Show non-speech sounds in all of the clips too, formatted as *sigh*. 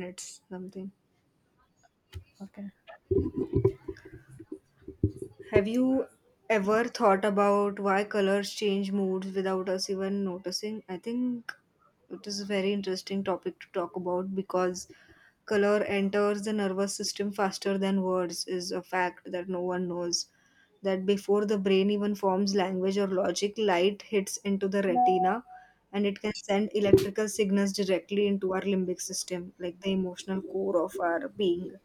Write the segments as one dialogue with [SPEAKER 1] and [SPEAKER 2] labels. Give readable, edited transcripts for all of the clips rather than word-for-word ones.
[SPEAKER 1] Minutes something.
[SPEAKER 2] Okay.
[SPEAKER 1] Have you ever thought about why colors change moods without us even noticing? I think it is a very interesting topic to talk about because color enters the nervous system faster than words is a fact that no one knows. That before the brain even forms language or logic, light hits into the retina and it can send electrical signals directly into our limbic system, like the emotional core of our being,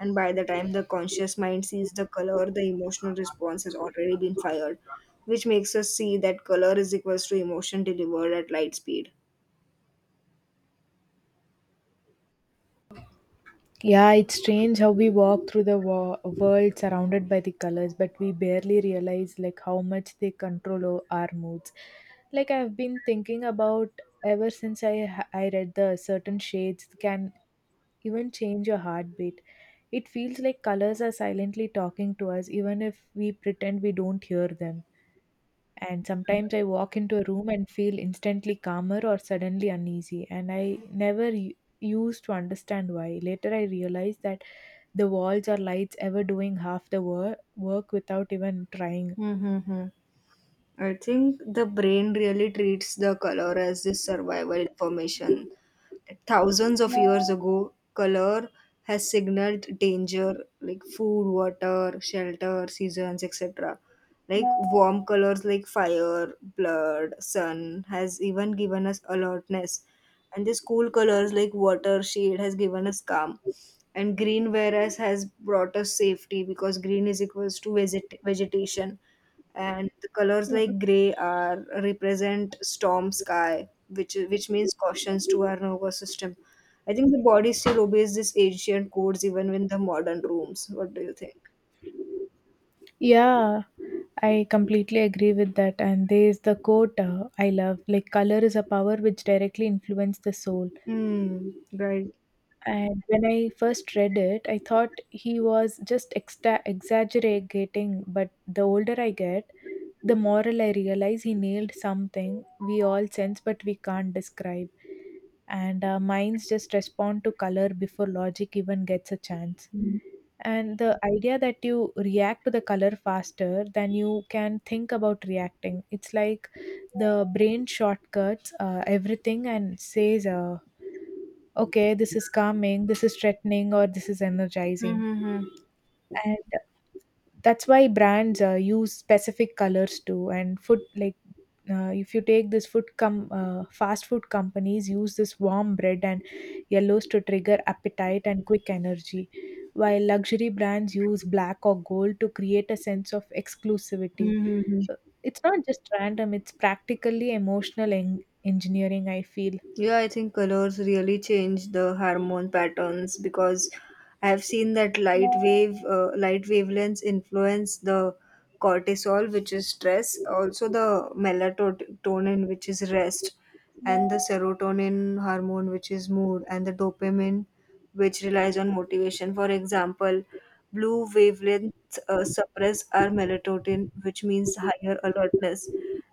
[SPEAKER 1] and by the time the conscious mind sees the color, the emotional response has already been fired, which makes us see that color is equals to emotion delivered at light speed.
[SPEAKER 2] Yeah, it's strange how we walk through the world surrounded by the colors, but we barely realize like how much they control our moods. Like I've been thinking about ever since I read the certain shades can even change your heartbeat. It feels like colors are silently talking to us, even if we pretend we don't hear them. And sometimes I walk into a room and feel instantly calmer or suddenly uneasy, and I never used to understand why. Later, I realized that the walls or lights ever doing half the work without even trying.
[SPEAKER 1] Mm-hmm. I think the brain really treats the color as this survival information. Thousands of years ago, color has signaled danger like food, water, shelter, seasons, etc. Like warm colors like fire, blood, sun has even given us alertness. And these cool colors like water, shade has given us calm. And green, whereas, has brought us safety because green is equals to vegetation, and the colors like gray are represent storm sky, which means cautions to our nervous system. I think the body still obeys these ancient codes even in the modern rooms. What do you think?
[SPEAKER 2] Yeah, I completely agree with that. And there's the quote I love like, color is a power which directly influences the soul.
[SPEAKER 1] Hmm. Right.
[SPEAKER 2] And when I first read it, I thought he was just exaggerating. But the older I get, the moral I realize he nailed something we all sense but we can't describe. And our minds just respond to color before logic even gets a chance. And the idea that you react to the color faster than you can think about reacting, it's like the brain shortcuts everything and says, okay, this is calming, this is threatening, or this is energizing.
[SPEAKER 1] Mm-hmm.
[SPEAKER 2] And that's why brands use specific colors too. And food, like if you take this fast food companies use this warm bread and yellows to trigger appetite and quick energy, while luxury brands use black or gold to create a sense of exclusivity. Uh, it's not just random, it's practically emotional engineering, I feel.
[SPEAKER 1] Yeah, I think colors really change the hormone patterns because I have seen that light wavelengths influence the cortisol, which is stress, also the melatonin, which is rest, and the serotonin hormone, which is mood, and the dopamine, which relies on motivation. For example, blue wavelengths suppress our melatonin, which means higher alertness,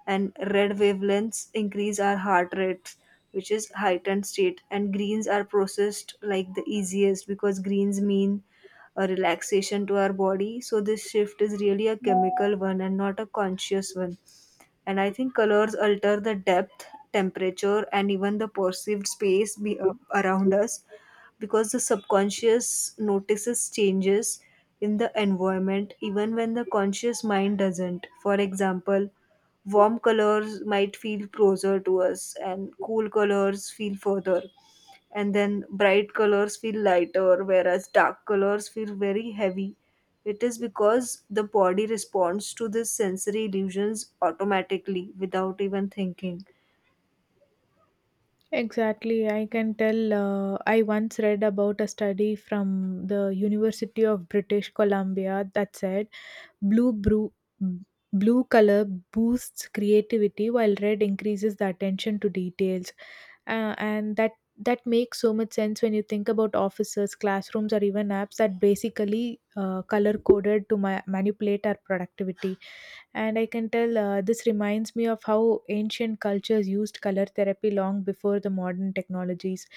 [SPEAKER 1] and red wavelengths increase our heart rates, which is heightened state. And greens are processed like the easiest because greens mean a relaxation to our body. So this shift is really a chemical one and not a conscious one. And I think colors alter the depth, temperature, and even the perceived space around us, because the subconscious notices changes in the environment even when the conscious mind doesn't. For example, warm colors might feel closer to us and cool colors feel further, and then bright colors feel lighter whereas dark colors feel very heavy. It is because the body responds to these sensory illusions automatically without even thinking.
[SPEAKER 2] Exactly, I can tell. I once read about a study from the University of British Columbia that said blue brew, blue color boosts creativity while red increases the attention to details, and that makes so much sense when you think about offices, classrooms, or even apps that basically color coded to manipulate our productivity. And I can tell, this reminds me of how ancient cultures used color therapy long before the modern technologies.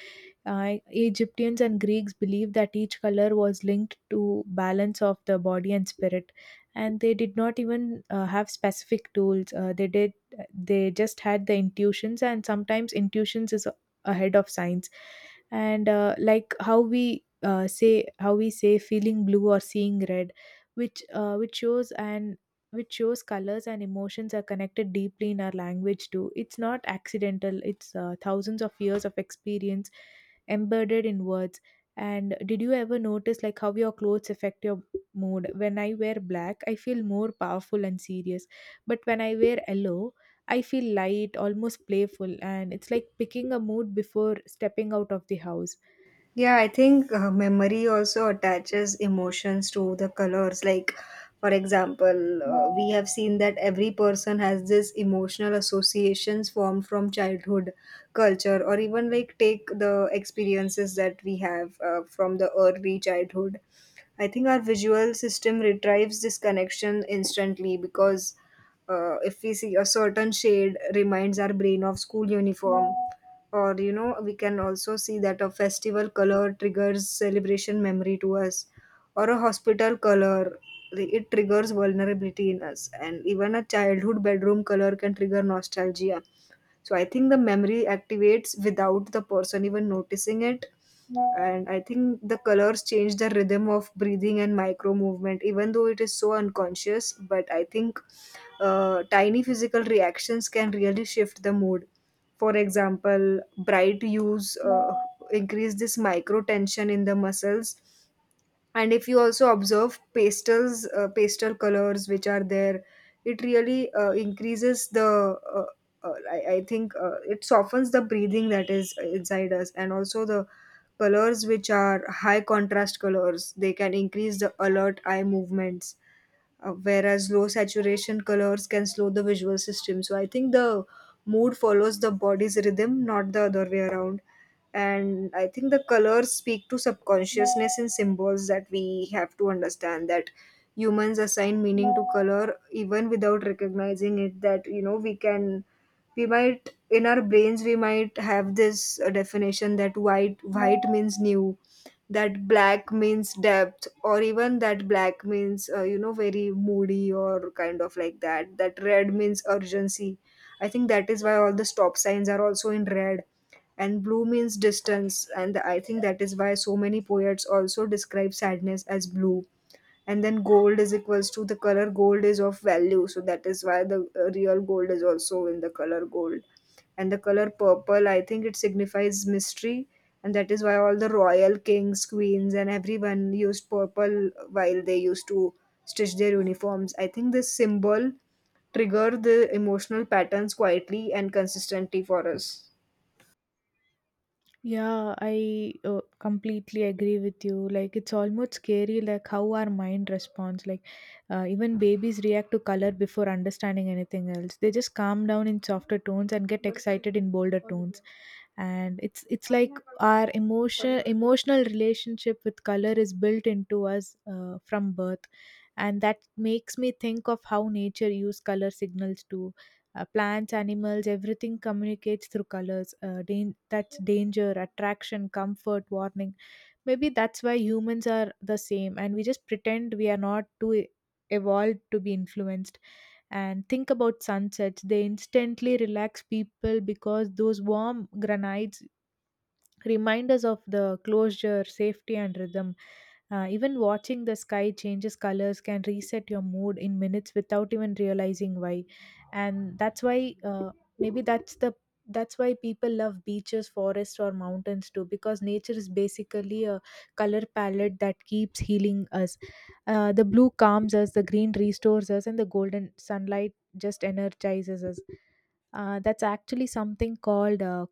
[SPEAKER 2] Egyptians and Greeks believed that each color was linked to balance of the body and spirit, and they did not even have specific tools. They just had the intuitions, and sometimes intuitions is ahead of science. And like how we say feeling blue or seeing red, which uh, which shows an which shows colors and emotions are connected deeply in our language too. It's not accidental, it's thousands of years of experience embedded in words. And did you ever notice like how your clothes affect your mood? When I wear black, I feel more powerful and serious. But when I wear yellow, I feel light, almost playful, and it's like picking a mood before stepping out of the house.
[SPEAKER 1] Yeah, I think memory also attaches emotions to the colors. Like, for example, we have seen that every person has this emotional associations formed from childhood, culture, or even like take the experiences that we have from the early childhood. I think our visual system retrieves this connection instantly because, if we see, a certain shade reminds our brain of school uniform, or we can also see that a festival color triggers celebration memory to us, or a hospital color, like, it triggers vulnerability in us, and even a childhood bedroom color can trigger nostalgia. So I think the memory activates without the person even noticing it. And I think the colors change the rhythm of breathing and micro movement, even though it is so unconscious, but I think tiny physical reactions can really shift the mood. For example, bright hues increase this micro tension in the muscles. And if you also observe pastel colors which are there, it really uh, I think it softens the breathing that is inside us, and also the colors which are high contrast colors, they can increase the alert eye movements, whereas low saturation colors can slow the visual system. So I think the mood follows the body's rhythm, not the other way around. And I think the colors speak to subconsciousness in symbols, that we have to understand that humans assign meaning to color even without recognizing it, that we might, in our brains we might have this definition that white means new, that black means depth, or even that black means very moody, or kind of like that, that red means urgency. I think that is why all the stop signs are also in red. And blue means distance, and I think that is why so many poets also describe sadness as blue. And then gold is equals to the color gold is of value, so that is why the real gold is also in the color gold. And the color purple, I think it signifies mystery, and that is why all the royal kings, queens, and everyone used purple while they used to stitch their uniforms. I think this symbol trigger the emotional patterns quietly and consistently for us.
[SPEAKER 2] Yeah, I completely agree with you. Like, it's almost scary, like how our mind responds. Like, even babies react to color before understanding anything else. They just calm down in softer tones and get excited in bolder tones. And it's like our emotional relationship with color is built into us from birth, and that makes me think of how nature use color signals to plants, animals, everything communicates through colors. That's danger, attraction, comfort, warning. Maybe that's why humans are the same, and we just pretend we are not too evolved to be influenced. And think about sunsets; they instantly relax people because those warm granites reminders of the closure, safety, and rhythm. Even watching the sky changes colors can reset your mood in minutes without even realizing why. And that's why maybe that's the that's why people love beaches, forests, or mountains too, because nature is basically a color palette that keeps healing us. The blue calms us, the green restores us, and the golden sunlight just energizes us. That's actually something called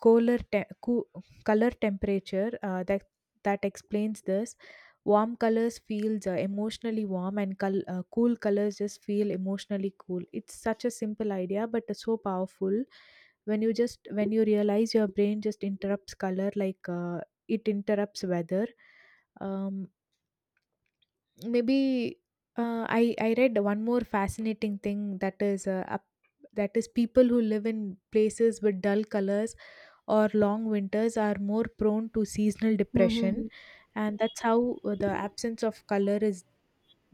[SPEAKER 2] cooler te- coo- color temperature, that explains this: warm colors feels emotionally warm, and cool colors just feel emotionally cool. It's such a simple idea, but it's so powerful when you realize your brain just interrupts color like, it interrupts weather. Um, maybe uh, I I read one more fascinating thing, that is, people who live in places with dull colors or long winters are more prone to seasonal depression,
[SPEAKER 1] Hmm.
[SPEAKER 2] and that's how the absence of color is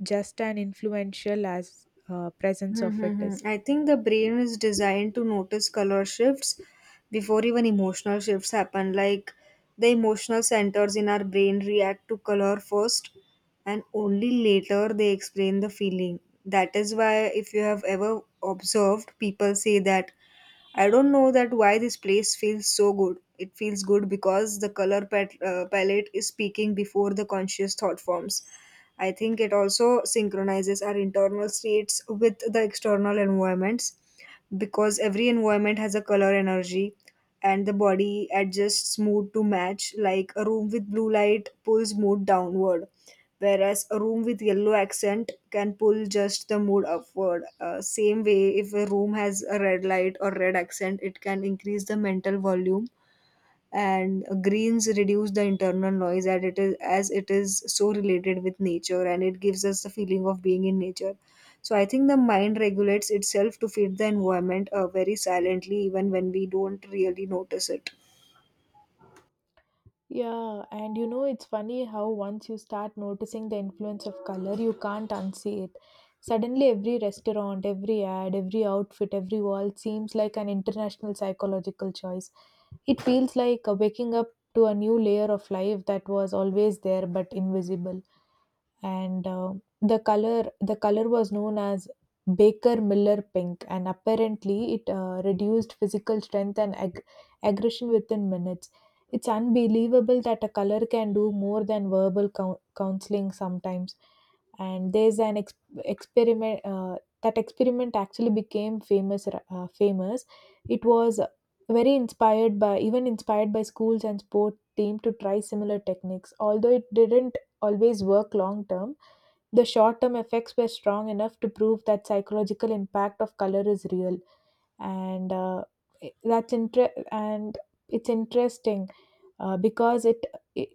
[SPEAKER 2] just as influential as presence of it is.
[SPEAKER 1] Mm-hmm. I think the brain is designed to notice color shifts before even emotional shifts happen. Like the emotional centers in our brain react to color first, and only later they explain the feeling. That is why, if you have ever observed, people say that I don't know that why this place feels so good. It feels good because the color palette is speaking before the conscious thought forms. I think it also synchronizes our internal states with the external environments, because every environment has a color energy, and the body adjusts mood to match, like a room with blue light pulls mood downward whereas a room with yellow accent can pull just the mood upward, same way, if a room has a red light or red accent, it can increase the mental volume. And greens reduce the internal noise, as it is so related with nature, and it gives us the feeling of being in nature. So I think the mind regulates itself to fit the environment very silently, even when we don't really notice it.
[SPEAKER 2] Yeah, and you know, it's funny how once you start noticing the influence of color, you can't unsee it. Suddenly, every restaurant, every ad, every outfit, every wall seems like an international psychological choice. It feels like waking up to a new layer of life that was always there but invisible. And the color was known as Baker Miller pink, and apparently, it reduced physical strength and aggression within minutes. It's unbelievable that a color can do more than verbal counseling sometimes. And there's an experiment, that experiment actually became famous. Famous, it was very inspired by even inspired by schools and sport team to try similar techniques. Although it didn't always work long term, the short term effects were strong enough to prove that psychological impact of color is real. And i- that's inter- and it's interesting uh, because it i-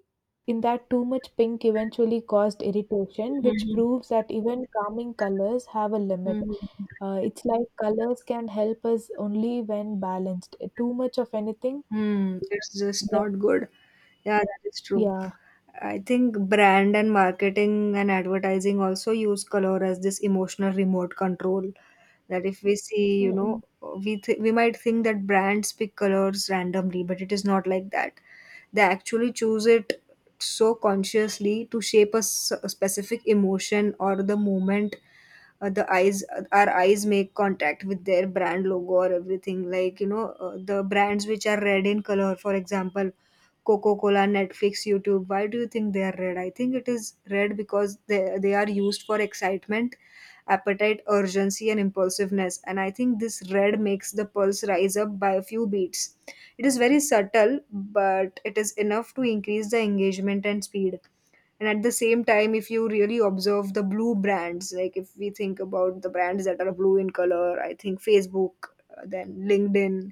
[SPEAKER 2] in that too much pink eventually caused irritation, which
[SPEAKER 1] Mhm.
[SPEAKER 2] proves that even calming colors have a limit.
[SPEAKER 1] Mhm.
[SPEAKER 2] It's like colors can help us only when balanced. Too much of anything,
[SPEAKER 1] Hmm, it's just
[SPEAKER 2] that,
[SPEAKER 1] not good. Yeah, that is true.
[SPEAKER 2] yeah.
[SPEAKER 1] I think brand and marketing and advertising also use color as this emotional remote control. That if we see,
[SPEAKER 2] Mm-mm,
[SPEAKER 1] we might think that brands pick colors randomly, but it is not like that. They actually choose it so consciously to shape a specific emotion or the moment the eyes our eyes make contact with their brand logo, or everything like the brands which are red in color. For example, Coca-Cola, Netflix, YouTube, why do you think they are red? I think it is red because they are used for excitement, appetite, urgency, and impulsiveness, and I think this red makes the pulse rise up by a few beats. It is very subtle, but it is enough to increase the engagement and speed. And at the same time, if you really observe the blue brands, like if we think about the brands that are blue in color, I think Facebook, then LinkedIn,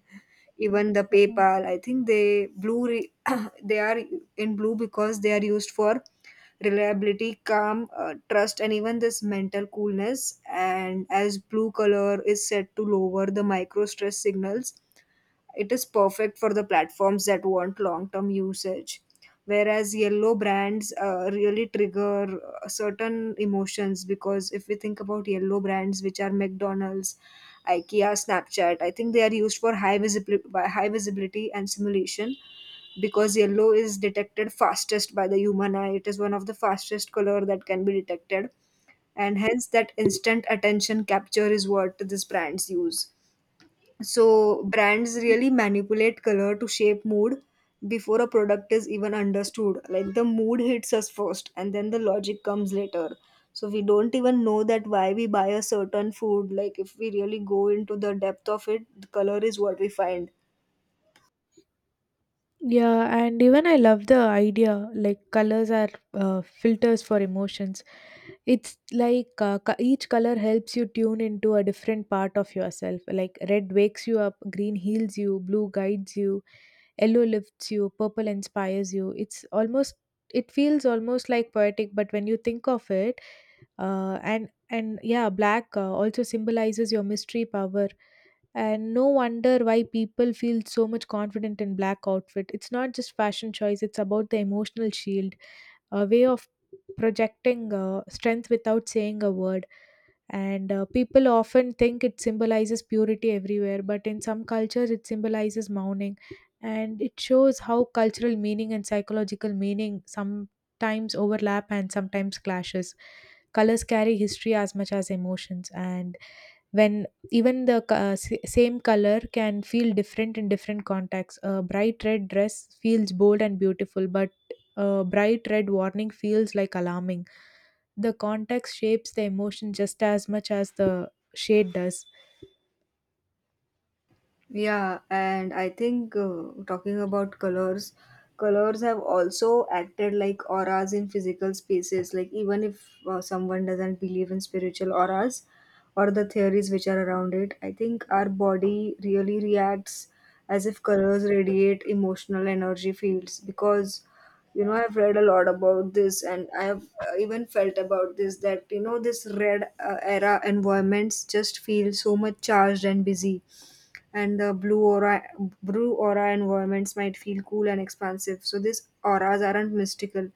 [SPEAKER 1] even the
[SPEAKER 2] mm-mm.
[SPEAKER 1] PayPal, I think *coughs* *clears throat* they are in blue because they are used for reliability, calm, trust, and even this mental coolness. And as blue color is said to lower the micro stress signals, it is perfect for the platforms that want long term usage. Whereas yellow brands really trigger certain emotions, because if we think about yellow brands, which are McDonald's, IKEA, Snapchat, I think they are used for high visibility and simulation, because yellow is detected fastest by the human eye. It is one of the fastest color that can be detected, and hence that instant attention capture is what these brands use. So brands really manipulate color to shape mood before a product is even understood. Like the mood hits us first and then the logic comes later. So we don't even know that why we buy a certain food. Like if we really go into the depth of it, the color is what we find.
[SPEAKER 2] Yeah, and even I love the idea like colors are filters for emotions. It's like each color helps you tune into a different part of yourself. Like red wakes you up, green heals you, blue guides you, yellow lifts you, purple inspires you. It feels almost like poetic, but when you think of it, and yeah, black also symbolizes your mystery power, and no wonder why people feel so much confident in black outfit. It's not just fashion choice, it's about the emotional shield, a way of projecting strength without saying a word. And people often think it symbolizes purity everywhere, but in some cultures it symbolizes mourning, and it shows how cultural meaning and psychological meaning sometimes overlap and sometimes clashes. Colors carry history as much as emotions, and when even the same color can feel different in different contexts. A bright red dress feels bold and beautiful, but a bright red warning feels like alarming. The context shapes the emotion just as much as the shade does.
[SPEAKER 1] Yeah, and I think talking about colors, colors have also acted like auras in physical spaces. Like, even if someone doesn't believe in spiritual auras or the theories which are around it, I think our body really reacts as if colors radiate emotional energy fields, because you know, I've read a lot about this and I have even felt about this that you know, this red era environments just feel so much charged and busy, and the blue aura environments might feel cool and expansive. So these auras aren't mystical.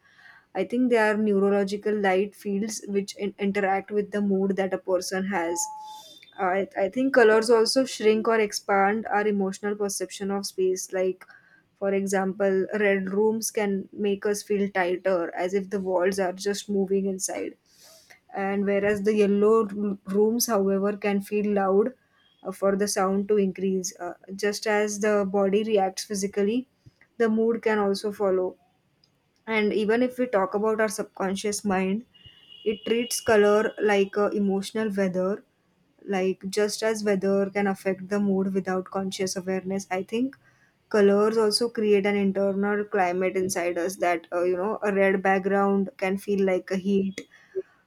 [SPEAKER 1] I think they are neurological light fields which interact with the mood that a person has. I think colors also shrink or expand our emotional perception of space, like for example, red rooms can make us feel tighter as if the walls are just moving inside, and whereas the yellow rooms however can feel loud, for the sound to increase. Just as the body reacts physically, the mood can also follow. And even if we talk about our subconscious mind, it treats color like a emotional weather. Like, just as weather can affect the mood without conscious awareness, I think colors also create an internal climate inside us. That you know, a red background can feel like a heat,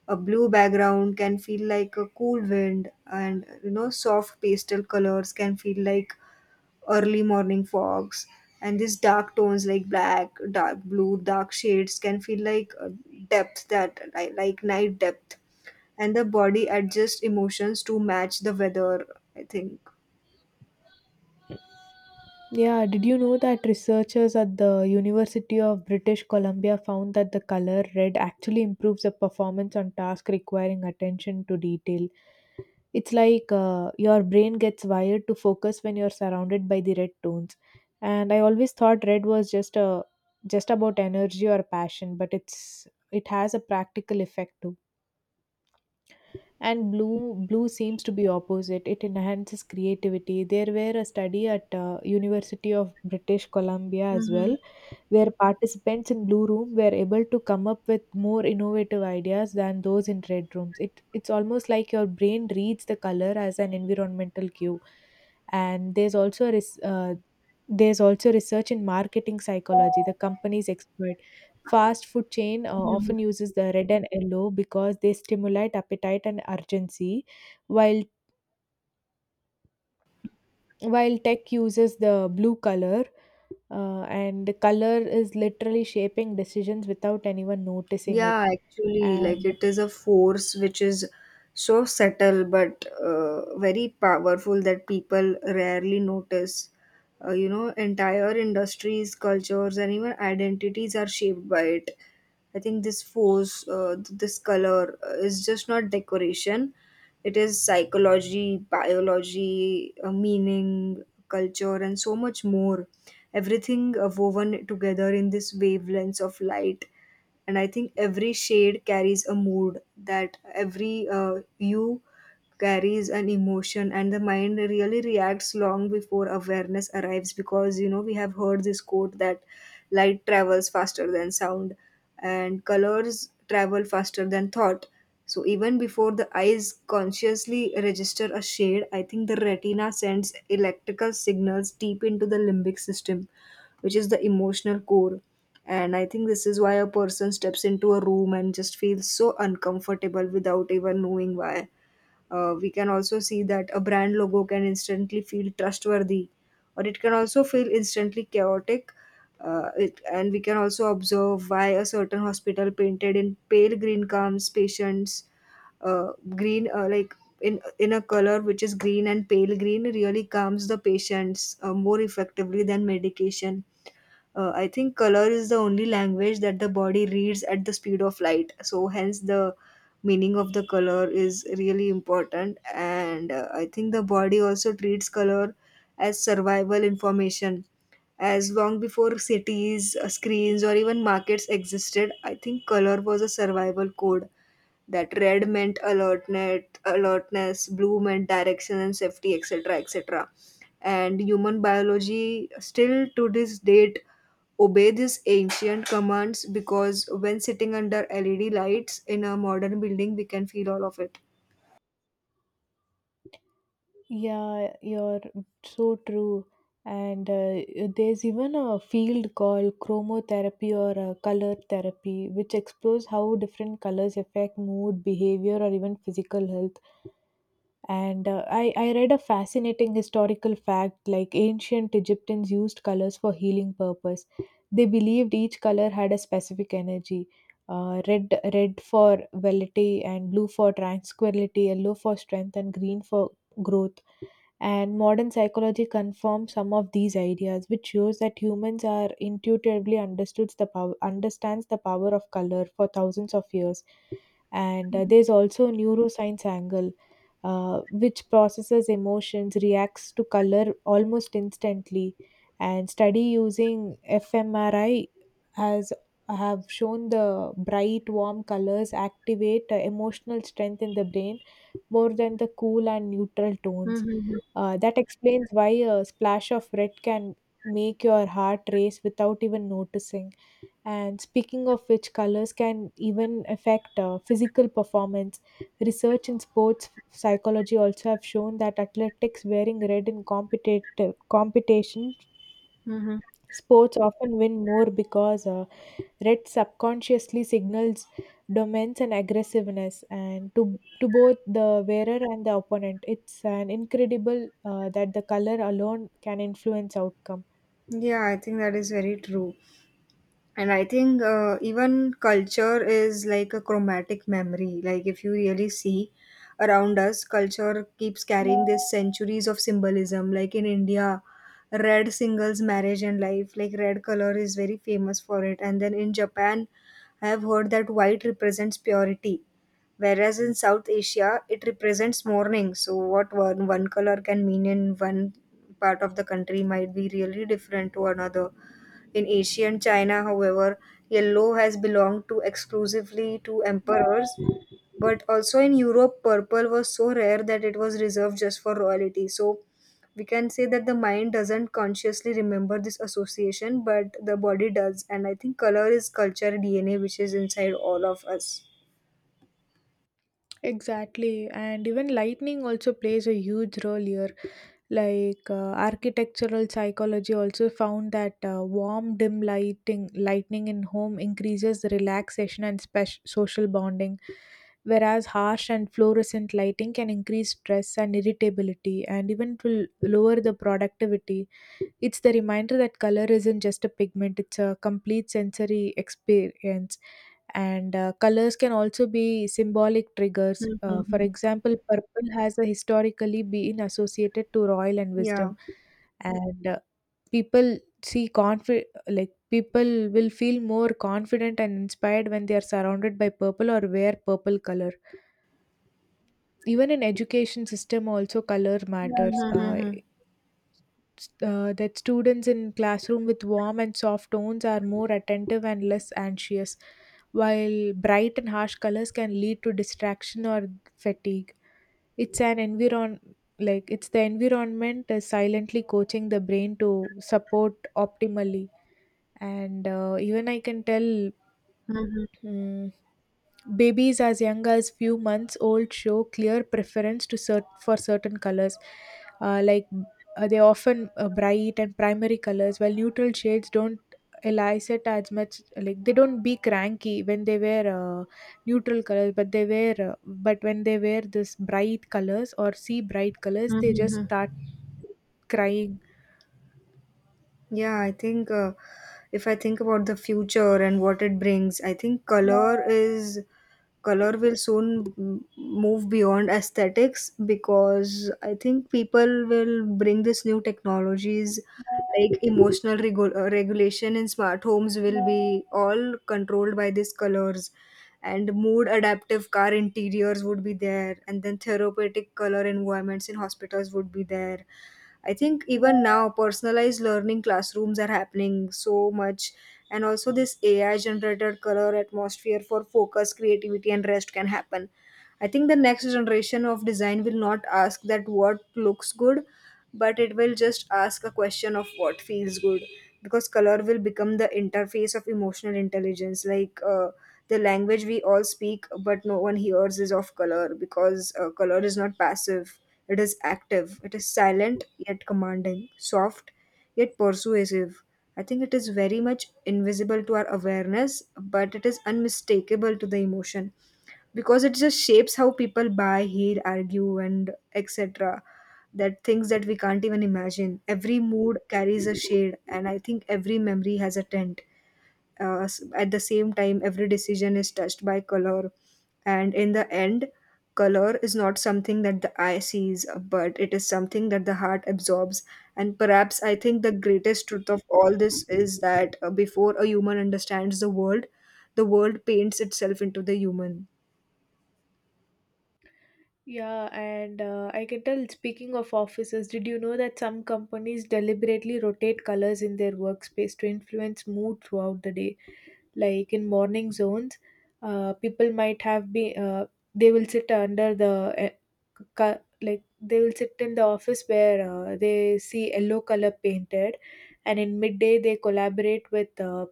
[SPEAKER 1] a blue background can feel like a cool wind, and you know, soft pastel colors can feel like early morning fogs, and these dark tones like black, dark blue, dark shades can feel like depth, that like night depth, and the body adjusts emotions to match the weather, I think.
[SPEAKER 2] Yeah, did you know that researchers at the University of British Columbia found that the color red actually improves the performance on tasks requiring attention to detail? It's like your brain gets wired to focus when you're surrounded by the red tones. And I always thought red was just a just about energy or passion, but it has a practical effect too. And blue seems to be opposite, it enhances creativity. There were a study at University of British Columbia as
[SPEAKER 1] Mm-hmm.
[SPEAKER 2] well, where participants in blue room were able to come up with more innovative ideas than those in red rooms. It's almost like your brain reads the color as an environmental cue. And there's also research in marketing psychology the companies exploit. Fast food chain often uses the red and yellow because they stimulate appetite and urgency, while tech uses the blue color, and color is literally shaping decisions without anyone noticing it.
[SPEAKER 1] Yeah, actually, like
[SPEAKER 2] And
[SPEAKER 1] it is a force which is so subtle but very powerful that people rarely notice. You know, entire industries, cultures, and even identities are shaped by it. I think this force, this color is just not decoration. It is psychology, biology, meaning, culture, and so much more. Everything woven together in this wavelengths of light, and I think every shade carries a mood, that every hue carries an emotion, and the mind really reacts long before awareness arrives. Because you know, we have heard this quote that light travels faster than sound and colors travel faster than thought. So even before the eyes consciously register a shade, I think the retina sends electrical signals deep into the limbic system, which is the emotional core. And I think this is why a person steps into a room and just feels so uncomfortable without even knowing why. We can also see that a brand logo can instantly feel trustworthy, or it can also feel instantly chaotic. It, and we can also observe why a certain hospital painted in pale green calms patients. Uh, green like in a color which is green and pale green really calms the patients more effectively than medication. Uh, I think color is the only language that the body reads at the speed of light, so hence the meaning of the color is really important. And I think the body also treats color as survival information. As long before cities screens or even markets existed, I think color was a survival code, that red meant alertness, alertness, blue meant direction and safety, etc, etc, and human biology still to this date obey these ancient commands, because when sitting under LED lights in a modern building, we can feel all of it.
[SPEAKER 2] yeah, you're so true. And there's even a field called chromotherapy or color therapy, which explores how different colors affect mood, behavior, or even physical health. And I read a fascinating historical fact like ancient Egyptians used colors for healing purpose. They believed each color had a specific energy. Red for velity and blue for tranquility, yellow for strength and green for growth. And modern psychology confirms some of these ideas, which shows that humans are intuitively understood the power understands the power of color for thousands of years. And there's also neuroscience angle, which processes emotions, reacts to color almost instantly, and study using fMRI has have shown the bright warm colors activate emotional strength in the brain more than the cool and neutral tones.
[SPEAKER 1] Mm-hmm.
[SPEAKER 2] That explains why a splash of red can make your heart race without even noticing. And speaking of which, colors can even affect physical performance. Research in sports psychology also have shown that athletics wearing red in competitive competition
[SPEAKER 1] Mm-hmm.
[SPEAKER 2] sports often win more because red subconsciously signals dominance and aggressiveness, and to both the wearer and the opponent. It's an incredible that the color alone can influence outcome.
[SPEAKER 1] Yeah, I think that is very true. And I think even culture is like a chromatic memory. Like, if you really see around us, culture keeps carrying this centuries of symbolism. Like in India, red singles marriage and life. Like, red color is very famous for it. And then in Japan, I have heard that white represents purity. Whereas in South Asia, it represents mourning. So, what one color can mean in one part of the country might be really different to another. In ancient China, however, yellow has belonged to exclusively to emperors, but also in Europe, purple was so rare that it was reserved just for royalty. So we can say that the mind doesn't consciously remember this association, but the body does. And I think color is culture DNA, which is inside all of us.
[SPEAKER 2] Exactly, and even lightning also plays a huge role here. Like architectural psychology also found that warm, dim lighting, lightning in home increases the relaxation and social bonding, whereas harsh and fluorescent lighting can increase stress and irritability, and even it will lower the productivity. It's the reminder that color isn't just a pigment, it's a complete sensory experience. And colors can also be symbolic triggers. For
[SPEAKER 1] Mhm.
[SPEAKER 2] example, purple has historically been associated to royal and
[SPEAKER 1] Yeah.
[SPEAKER 2] wisdom, and people people will feel more confident and inspired when they are surrounded by purple or wear purple color. Even in education system also color matters,
[SPEAKER 1] Mhm.
[SPEAKER 2] that students in classroom with warm and soft tones are more attentive and less anxious, while bright and harsh colors can lead to distraction or fatigue. It's an environ it's the environment silently coaching the brain to support optimally, and even I can tell.
[SPEAKER 1] Mhm.
[SPEAKER 2] mm, Babies as young as few months old show clear preference for certain colors, uh, like they often bright and primary colors, while neutral shades don't elicit as much. Like they don't be cranky when they wear uh, neutral colors, but they wear but when they wear this bright colors or see bright colors,
[SPEAKER 1] Mhm.
[SPEAKER 2] they just
[SPEAKER 1] Mhm.
[SPEAKER 2] start crying.
[SPEAKER 1] Yeah, I think if I think about the future and what it brings, I think color will soon move beyond aesthetics, because I think people will bring this new technologies like emotional regulation in smart homes will be all controlled by these colors, and mood adaptive car interiors would be there, and then therapeutic color environments in hospitals would be there. I think even now personalized learning classrooms are happening so much, and also this AI generated color atmosphere for focus, creativity and rest can happen. I think the next generation of design will not ask that what looks good, but it will just ask a question of what feels good, because color will become the interface of emotional intelligence. Like the language we all speak but no one hears is of color, because color is not passive, it is active, it is silent yet commanding, soft yet persuasive. I think it is very much invisible to our awareness, but it is unmistakable to the emotion, because it just shapes how people buy, hear, argue, and etc. That things that we can't even imagine. Every mood carries a shade, and I think every memory has a tint, at the same time every decision is touched by color, and in the end, color is not something that the eye sees, but it is something that the heart absorbs. And perhaps I think the greatest truth of all this is that before a human understands the world, the world paints itself into the human.
[SPEAKER 2] Yeah, and I can tell, speaking of offices, did you know that some companies deliberately rotate colors in their workspace to influence mood throughout the day? Like in morning zones, people might have been, they will sit under the, they will sit in the office where they see yellow color painted, and in midday, they collaborate with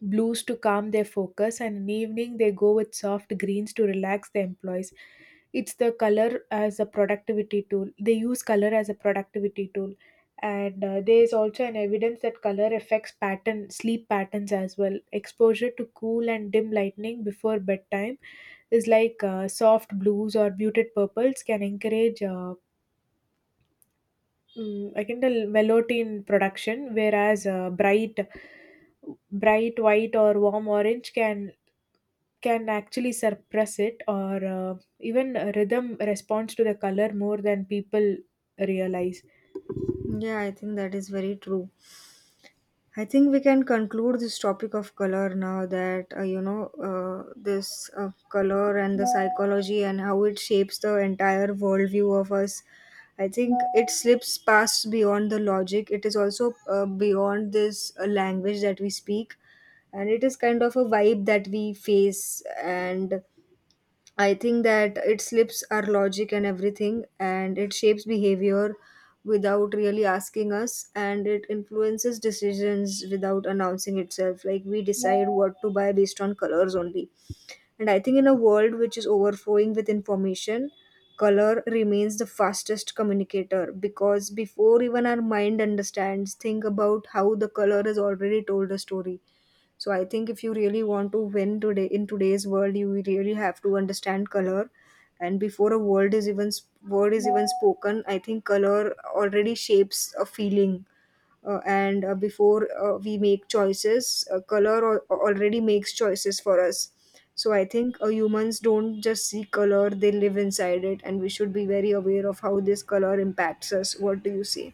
[SPEAKER 2] blues to calm their focus, and in the evening they go with soft greens to relax the employees. It's the color as a productivity tool. They use color as a productivity tool, and there is also an evidence that color affects pattern sleep patterns as well. Exposure to cool and dim lightning before bedtime is soft blues or muted purples can encourage, I can tell, melatonin production, whereas bright white or warm orange can actually suppress it. Or Even rhythm responds to the color more than people realize.
[SPEAKER 1] Yeah, I think that is very true. I think we can conclude this topic of color now, that you know this color and the psychology and how it shapes the entire worldview of us. I think it slips past beyond the logic. It is also beyond this language that we speak, and it is kind of a vibe that we face. And I think that it slips our logic and everything, and it shapes behavior without really asking us, and it influences decisions without announcing itself. Like we decide what to buy based on colors only. And I think in a world which is overflowing with information, color remains the fastest communicator, because before even our mind understands, think about how the color has already told a story. So I think if you really want to win today in today's world, you really have to understand color. And before a word is even spoken, I think color already shapes a feeling. And before we make choices, color already makes choices for us. So I think humans don't just see color; they live inside it, and we should be very aware of how this color impacts us. What do you see?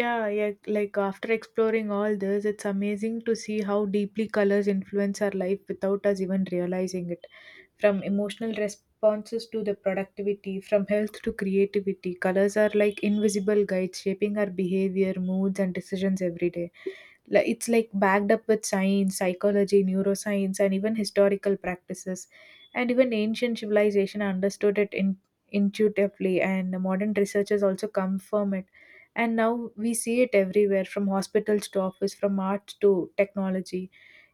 [SPEAKER 2] Yeah, like after exploring all this, it's amazing to see how deeply colors influence our life without us even realizing it. From emotional responses to the productivity, from health to creativity, colors are like invisible guides shaping our behavior, moods and decisions every day. It's like backed up with science, psychology, neuroscience, and even historical practices. And even ancient civilization understood it in, intuitively, and the modern researchers also confirm it. And now we see it everywhere, from hospitals to office, from art to technology.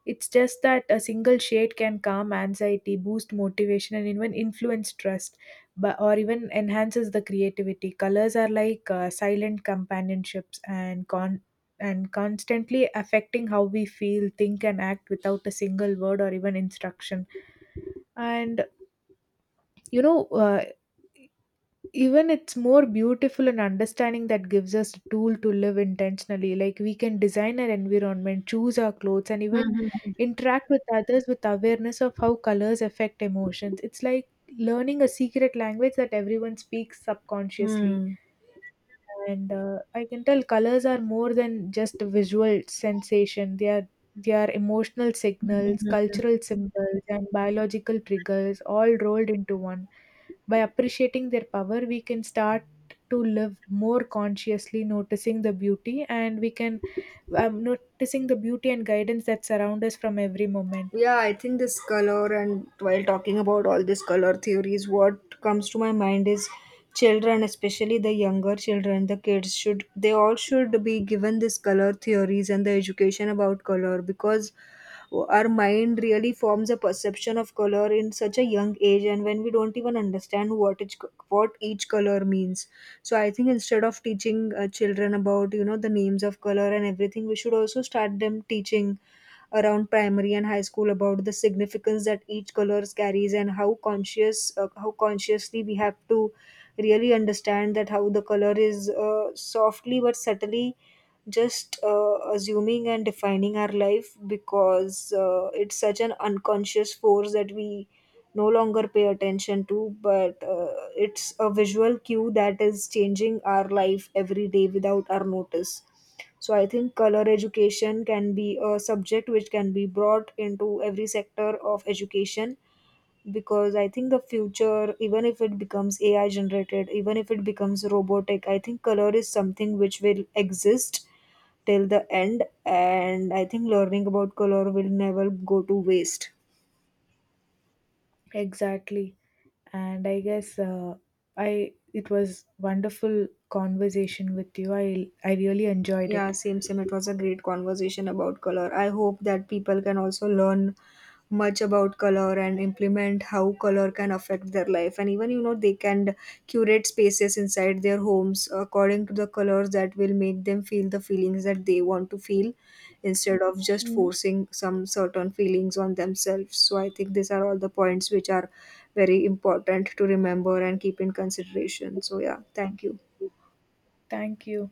[SPEAKER 2] It's just that a single shade can calm anxiety, boost motivation, and even influence trust, but, or even enhances the creativity. Colors are like silent companionships and constantly affecting how we feel, think, and act without a single word or even instruction. And you know, even it's more beautiful and understanding that gives us a tool to live intentionally. Like we can design our environment, choose our clothes, and even interact with others with awareness of how colors affect emotions. It's like learning a secret language that everyone speaks subconsciously. And I can tell, colors are more than just a visual sensation. They are emotional signals,
[SPEAKER 1] Mhm.
[SPEAKER 2] cultural symbols and biological triggers all rolled into one. By appreciating their power, we can start to live more consciously, noticing the beauty, and we can, noticing the beauty and guidance that surround us from every moment.
[SPEAKER 1] Yeah, I think this color, and while talking about all these color theories, what comes to my mind is children, especially the younger children, the kids should, they all should be given this color theories and the education about color, because our mind really forms a perception of color in such a young age and when we don't even understand what each color means. So I think instead of teaching children about you know the names of color and everything, we should also start them teaching around primary and high school about the significance that each colors carries, and how conscious how consciously we have to really understand that how the color is softly but subtly just assuming and defining our life. Because it's such an unconscious force that we no longer pay attention to, but it's a visual cue that is changing our life every day without our notice. So I think color education can be a subject which can be brought into every sector of education, because I think the future, even if it becomes AI generated, even if it becomes robotic, I think color is something which will exist till the end, and I think learning about color will never go to waste.
[SPEAKER 2] Exactly, and I guess, I it was wonderful conversation with you. I really enjoyed it.
[SPEAKER 1] Yeah, same, same. It was a great conversation about color. I hope that people can also learn much about color and implement how color can affect their life. And even, you know, they can curate spaces inside their homes according to the colors that will make them feel the feelings that they want to feel instead of just
[SPEAKER 2] Mm.
[SPEAKER 1] forcing some certain feelings on themselves. So I think these are all the points which are very important to remember and keep in consideration. So, yeah, thank you.
[SPEAKER 2] Thank you.